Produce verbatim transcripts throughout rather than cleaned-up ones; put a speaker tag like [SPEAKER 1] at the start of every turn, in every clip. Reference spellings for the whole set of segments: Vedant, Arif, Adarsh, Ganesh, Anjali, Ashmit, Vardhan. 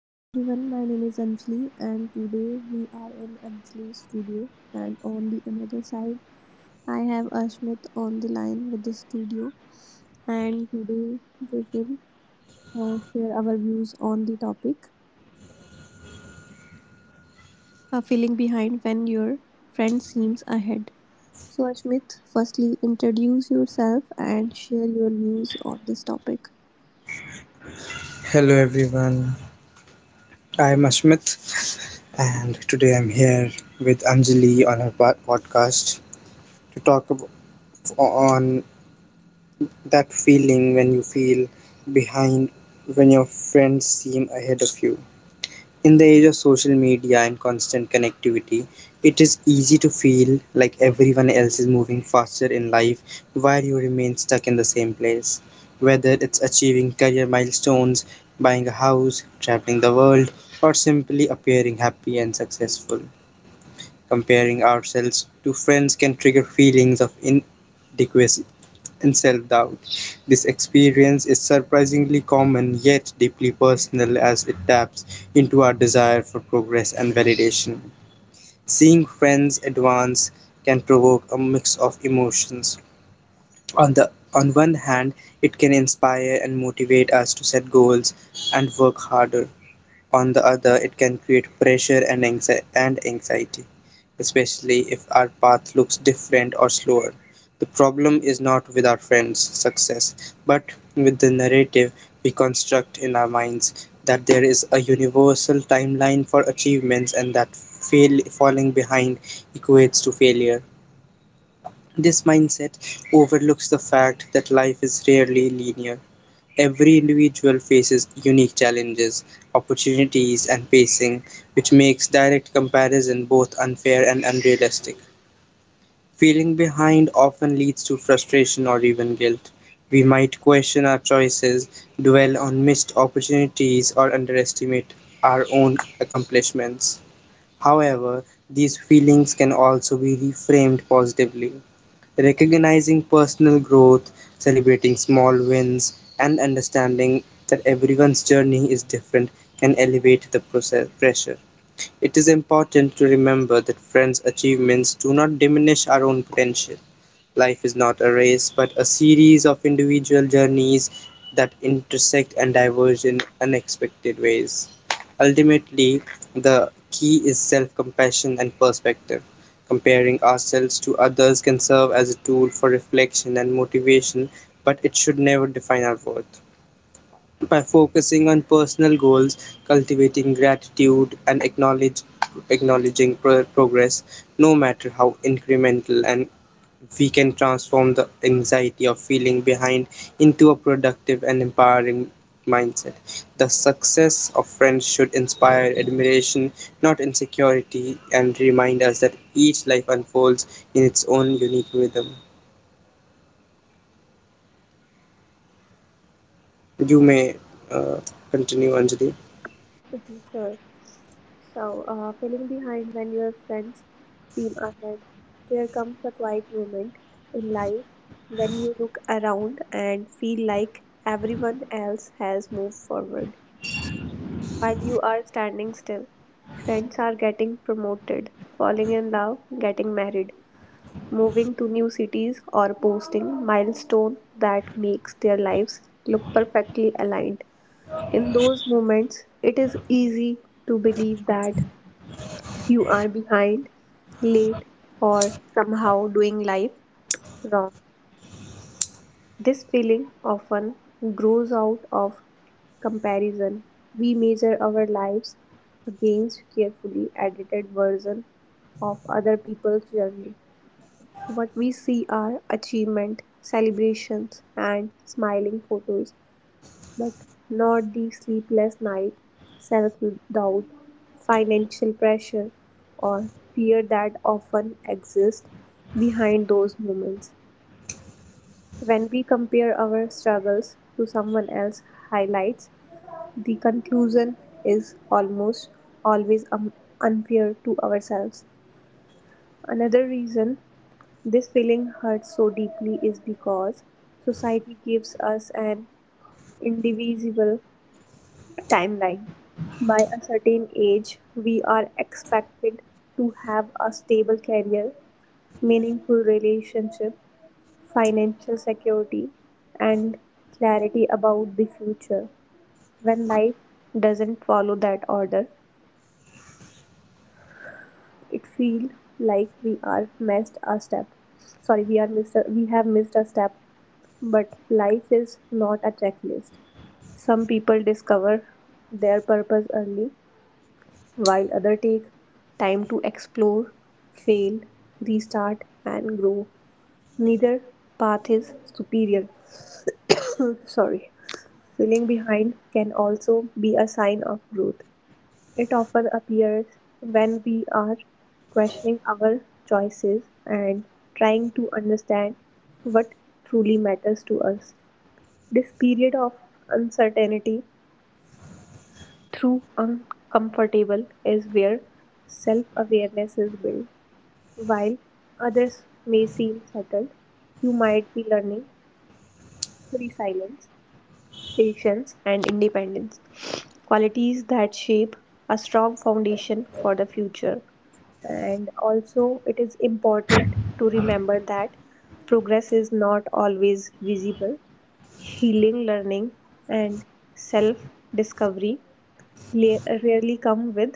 [SPEAKER 1] Hi everyone, my name is Anjali, and today we are in Anjali studio. And on the another side, I have Ashmit on the line with the studio. And today we will uh, share our views on the topic a feeling behind when your friend seems ahead. So, Ashmit, firstly, introduce yourself and share your views on this topic.
[SPEAKER 2] Hello everyone, I'm Ashmit and today I'm here with Anjali on her po- podcast to talk ab- on that feeling when you feel behind when your friends seem ahead of you. In the age of social media and constant connectivity, it is easy to feel like everyone else is moving faster in life while you remain stuck in the same place. Whether it's achieving career milestones, buying a house, traveling the world, or simply appearing happy and successful, comparing ourselves to friends can trigger feelings of inadequacy and self doubt. This experience is surprisingly common yet deeply personal as it taps into our desire for progress and validation. Seeing friends advance can provoke a mix of emotions. On the on one hand, it can inspire and motivate us to set goals and work harder. On the other, it can create pressure and anxiety, especially if our path looks different or slower. The problem is not with our friends' success, but with the narrative we construct in our minds that there is a universal timeline for achievements and that fail, falling behind equates to failure. This mindset overlooks the fact that life is rarely linear. Every individual faces unique challenges, opportunities, and pacing, which makes direct comparison both unfair and unrealistic. Feeling behind often leads to frustration or even guilt. We might question our choices, dwell on missed opportunities, or underestimate our own accomplishments. However, these feelings can also be reframed positively. Recognizing personal growth, celebrating small wins, and understanding that everyone's journey is different can elevate the process pressure. It is important to remember that friends' achievements do not diminish our own potential. Life is not a race, but a series of individual journeys that intersect and diverge in unexpected ways. Ultimately, the key is self compassion and perspective. Comparing ourselves to others can serve as a tool for reflection and motivation, but it should never define our worth. By focusing on personal goals, cultivating gratitude, and acknowledge, acknowledging pro- progress, no matter how incremental and we can transform the anxiety of feeling behind into a productive and empowering mindset. The success of friends should inspire admiration, not insecurity, and remind us that each life unfolds in its own unique rhythm. You may uh, continue, Anjali.
[SPEAKER 1] Mhm. Sure. So, uh, feeling behind when your friends seem ahead, there comes a quiet moment in life when you look around and feel like everyone else has moved forward. While you are standing still, friends are getting promoted, falling in love, getting married, moving to new cities, or posting milestone that makes their lives look perfectly aligned. In those moments, it is easy to believe that you are behind, late, or somehow doing life wrong. This feeling often grows out of comparison. We measure our lives against carefully edited version of other people's journey. What we see are achievement, celebrations, and smiling photos but not the sleepless night, self doubt, financial pressure, or fear that often exist behind those moments. When we compare our struggles to someone else's highlights, the conclusion is almost always um, unfair to ourselves. Another reason this feeling hurts so deeply is because society gives us an indivisible timeline. By a certain age, we are expected to have a stable career, meaningful relationship, financial security, and clarity about the future. When life doesn't follow that order, it feels like we are missed a step. Sorry, we are missed. A, we have missed a step. But life is not a checklist. Some people discover their purpose early while others take time to explore, fail, restart, and grow. Neither path is superior. Sorry. Feeling behind can also be a sign of growth. It often appears when we are questioning our choices and trying to understand what truly matters to us. This period of uncertainty through uncomfortable is where self awareness is built. While others may seem settled, you might be learning resilience, patience, and independence qualities that shape a strong foundation for the future. And also, it is important to remember that progress is not always visible. Healing, learning, and self discovery rarely come with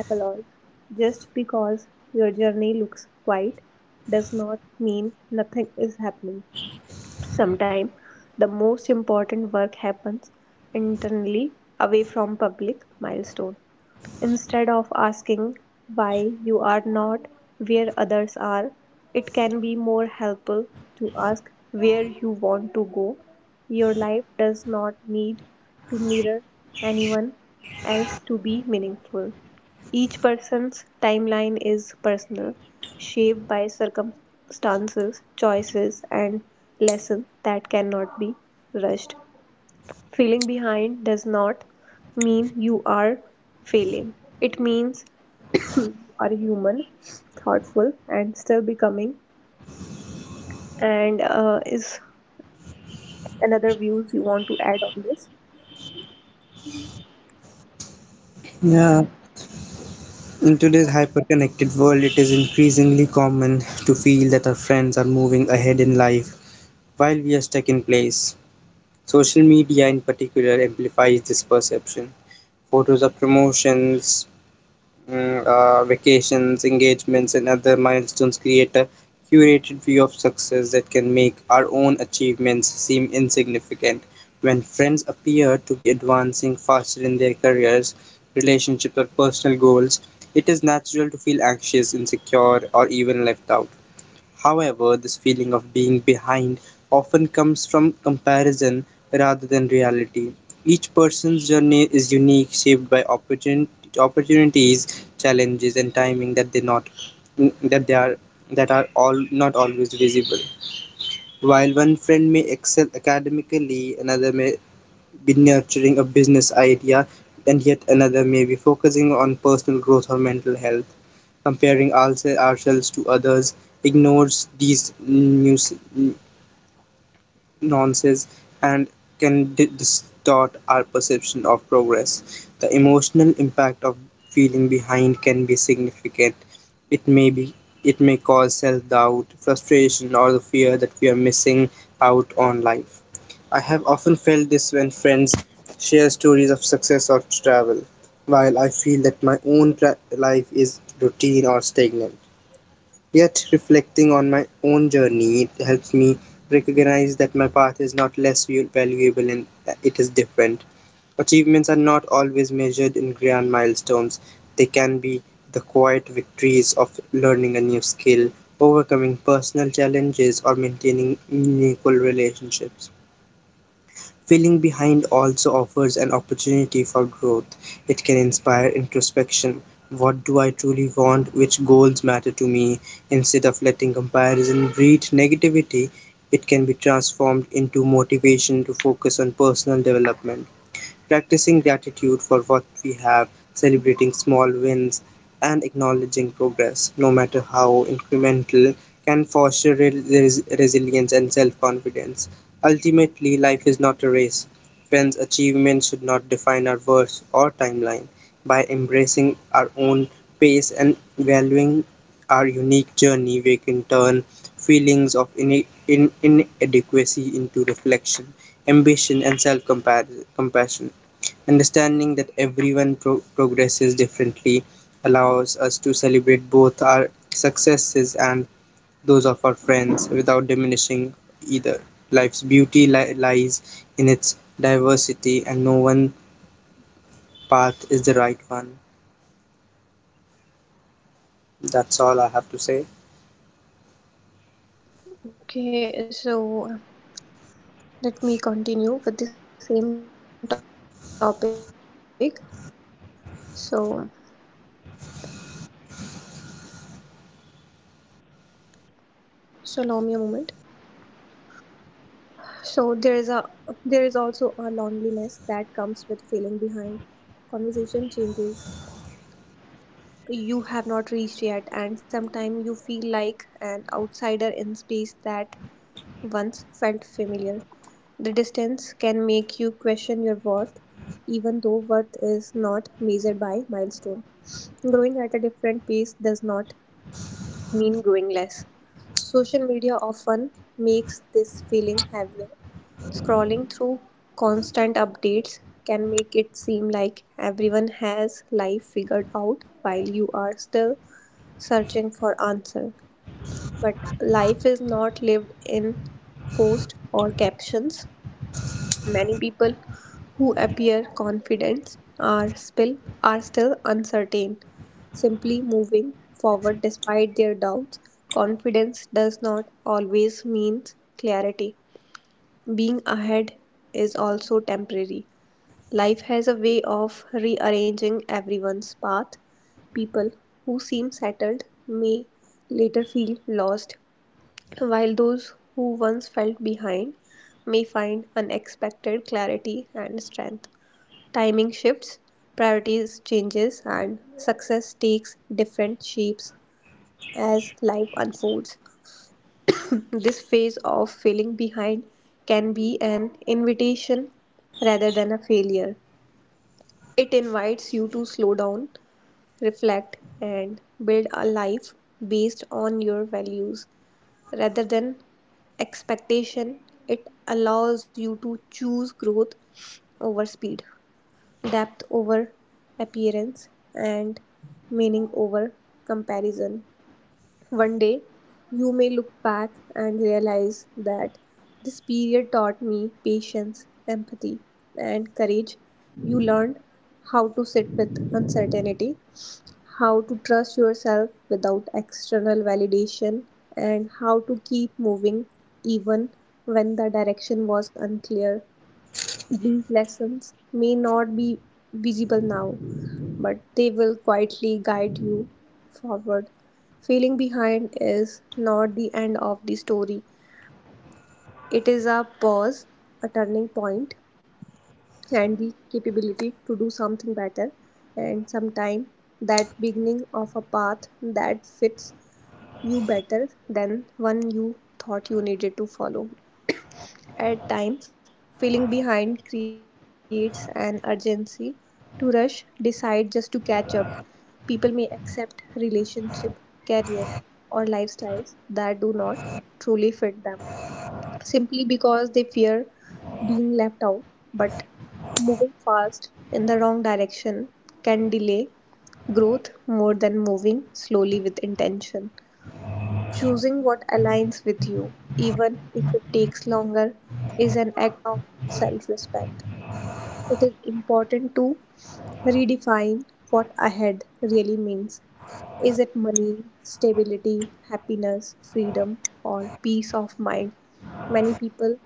[SPEAKER 1] applause. Just because your journey looks quiet does not mean nothing is happening. Sometimes the most important work happens internally away from public milestone. Instead of asking why you are not where others are, it can be more helpful to ask where you want to go. Your life does not need to mirror anyone else to be meaningful. Each person's timeline is personal, shaped by circumstances, choices, and lessons that cannot be rushed. Feeling behind does not mean you are failing, it means you are human, thoughtful, and still becoming. And uh, is another views you want to add on this?
[SPEAKER 2] Yeah, in today's hyperconnected world, it is increasingly common to feel that our friends are moving ahead in life while we are stuck in place. Social media in particular amplifies this perception. Photos of promotions, mm, uh, vacations, engagements, and other milestones create a curated view of success that can make our own achievements seem insignificant. When friends appear to be advancing faster in their careers, relationships, or personal goals, it is natural to feel anxious, insecure, or even left out. However, this feeling of being behind often comes from comparison rather than reality. Each person's journey is unique, shaped by opportun- opportunities, challenges, and timing that they not that they are that are all not always visible. While one friend may excel academically, another may be nurturing a business idea, and yet another may be focusing on personal growth or mental health comparing ourse- ourselves to others, ignores these nuis- nuances, and can di- distort our perception of progress. The emotional impact of feeling behind can be significant. It may be it may cause self-doubt, frustration, or the fear that we are missing out on life. I have often felt this when friends share stories of success or travel, while I feel that my own tra- life is routine or stagnant. Yet, reflecting on my own journey, it helps me recognize that my path is not less val- valuable and uh, it is different. Achievements are not always measured in grand milestones, they can be the quiet victories of learning a new skill, overcoming personal challenges, or maintaining meaningful relationships. Feeling behind also offers an opportunity for growth. It can inspire introspection. What do I truly want? Which goals matter to me? Instead of letting comparison breed negativity, it can be transformed into motivation to focus on personal development practicing gratitude for what we have, celebrating small wins, and acknowledging progress, no matter how incremental, can foster re- res- resilience and self confidence. Ultimately, life is not a race. Friends, achievement should not define our worth or timeline. By embracing our own pace and valuing our unique journey, we can turn feelings of ine- in- inadequacy into reflection, ambition, and self compassion. Understanding that everyone pro- progresses differently allows us to celebrate both our successes and those of our friends without diminishing either. Life's beauty li- lies in its diversity, and no one path is the right one. That's all I have to say.
[SPEAKER 1] Okay, so let me continue with the same topic. So, just allow me a moment. So there is a there is also a loneliness that comes with feeling behind conversation changes friends talk about responsibility you have not reached yet and sometimes you feel like an outsider in space that once felt familiar the distance can make you question your worth even though worth is not measured by milestone growing at a different pace does not mean growing less. Social media often makes this feeling heavier. Scrolling through constant updates can make it seem like everyone has life figured out while you are still searching for answers. But life is not lived in posts or captions. Many people who appear confident are still are still uncertain, simply moving forward despite their doubts. Confidence does not always mean clarity. Being ahead is also temporary. Life has a way of rearranging everyone's path. People who seem settled may later feel lost while those who once felt behind may find unexpected clarity and strength. Timing shifts, priorities changes and success takes different shapes as life unfolds. This phase of feeling behind can be an invitation rather than a failure. It invites you to slow down, reflect and build a life based on your values rather than expectation. It allows you to choose growth over speed, depth over appearance, and meaning over comparison. One day, you may look back and realize that this period taught me patience, empathy, and courage. You learned how to sit with uncertainty how to trust yourself without external validation, and how to keep moving even when the direction was unclear. These lessons may not be visible now, but they will quietly guide you forward. Feeling behind is not the end of the story, it is a pause, a turning point, and the capability to do something better. And sometime that beginning of a path that fits you better than one you thought you needed to follow. At times, feeling behind creates an urgency to rush, decide just to catch up. People may accept relationship, career, or lifestyles that do not truly fit them simply because they fear being left out. But moving fast in the wrong direction can delay growth more than moving slowly with intention. Choosing what aligns with you, even if it takes longer, is an act of self respect. It is important to redefine what ahead really means is it money, stability, happiness, freedom, or peace of mind? Many people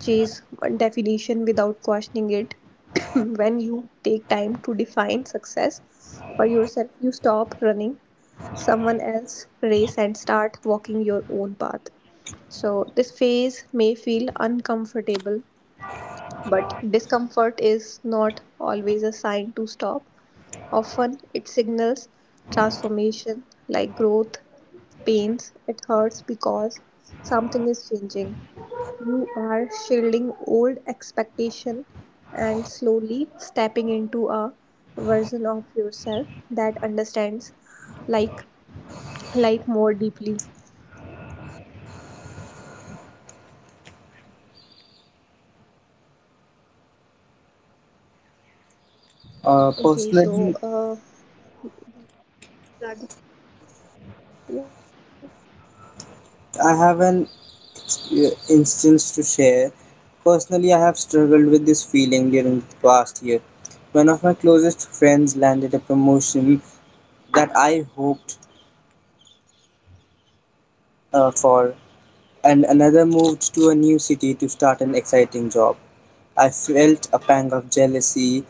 [SPEAKER 1] chase one definition without questioning it. When you take time to define success for yourself, you stop running someone else's race and start walking your own path. So, this phase may feel uncomfortable, but discomfort is not always a sign to stop. Often it signals transformation like growth, pains, it hurts because something is changing. You are shielding old expectation and slowly stepping into a version of yourself that understands like life more deeply. Okay, so uh,
[SPEAKER 2] Uh,
[SPEAKER 1] these are the-
[SPEAKER 2] personally,
[SPEAKER 1] yeah.
[SPEAKER 2] I have an uh, instance to share. Personally, I have struggled with this feeling during the past year. One of my closest friends landed a promotion that I hoped uh, for, and another moved to a new city to start an exciting job. I felt a pang of jealousy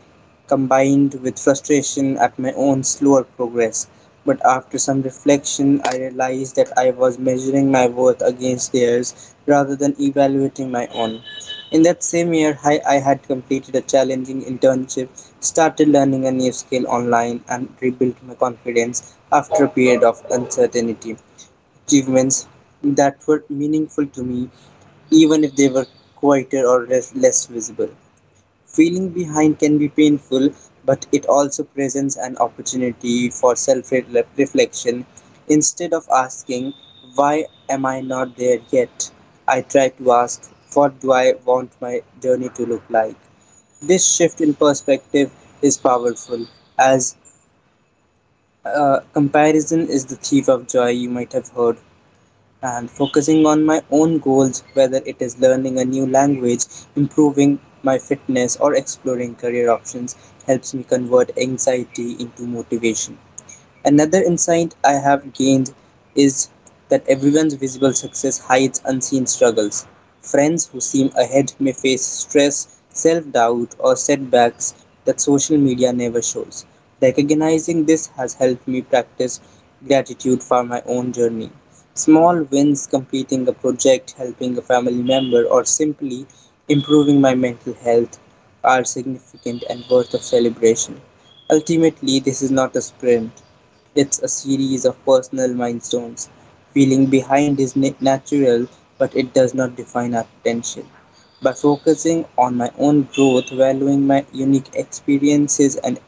[SPEAKER 2] combined with frustration at my own slower progress. But after some reflection, I realized that I was measuring my worth against theirs rather than evaluating my own. In that same year, I, I had completed a challenging internship, started learning a new skill online, and rebuilt my confidence after a period of uncertainty. Achievements that were meaningful to me, even if they were quieter or less less visible. Feeling behind can be painful, but it also presents an opportunity for self reflection. Instead of asking, why am I not there yet? I try to ask, what do I want my journey to look like? This shift in perspective is powerful, as uh, comparison is the thief of joy, you might have heard and focusing on my own goals, whether it is learning a new language, improving my fitness, or exploring career options, helps me convert anxiety into motivation. Another insight I have gained is that everyone's visible success hides unseen struggles. Friends who seem ahead may face stress, self doubt, or setbacks that social media never shows. Recognizing this has helped me practice gratitude for my own journey. Small wins, completing a project, helping a family member, or simply improving my mental health are significant and worth of celebration. Ultimately, this is not a sprint, it's a series of personal milestones. Feeling behind is na- natural, but it does not define our potential. By focusing on my own growth, valuing my unique experiences, and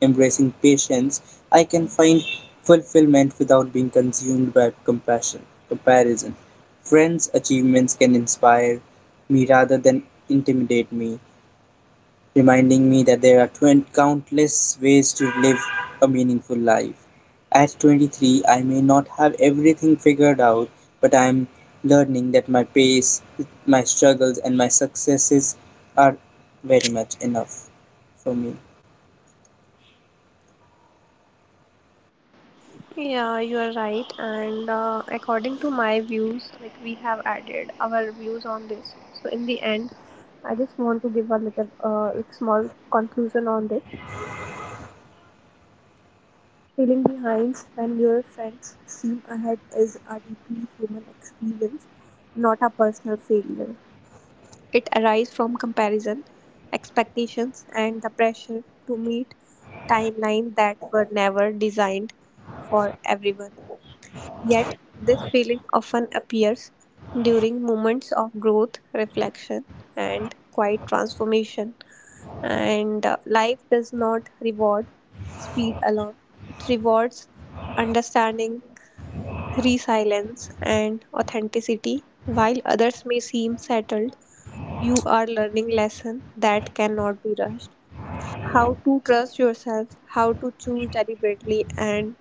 [SPEAKER 2] embracing patience, I can find fulfillment without being consumed by compassion, comparison. Friends' achievements can inspire me rather than intimidate me reminding me that there are twenty countless ways to live a meaningful life. At twenty-three, I may not have everything figured out, but I am learning that my pace, my struggles, and my successes are very much enough for me.
[SPEAKER 1] Yeah, you are right. And uh, according to my views, like we have added our views on this. So in the end, I just want to give a little, uh, like small conclusion on this. Feeling behind when your friends seem ahead is a deeply human experience, not a personal failure. It arises from comparison, expectations, and the pressure to meet timelines that were never designed for everyone. Yet, this feeling often appears during moments of growth, reflection, and quiet transformation. And uh, life does not reward speed alone, it rewards understanding, resilience, and authenticity. While others may seem settled, you are learning lesson that cannot be rushed. How to trust yourself, how to choose deliberately, and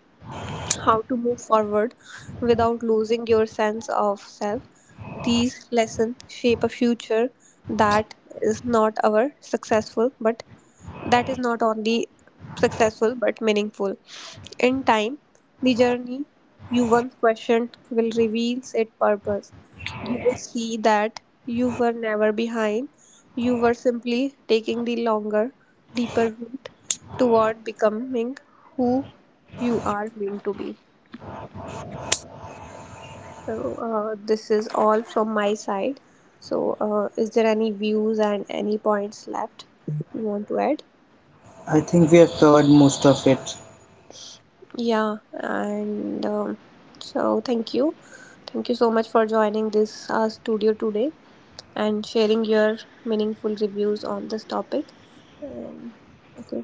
[SPEAKER 1] how to move forward without losing your sense of self. These lessons shape a future that is not our successful, but that is not only successful but meaningful. In time, the journey you once questioned will reveal its purpose. You will see that you were never behind, you were simply taking the longer, deeper route toward becoming who you are meant to be. So, uh, this is all from my side. So, uh, is there any views and any points left you want to add?
[SPEAKER 2] I think we have covered most of it.
[SPEAKER 1] Yeah, and um, so thank you. Thank you so much for joining this uh, studio today and sharing your meaningful reviews on this topic. And okay.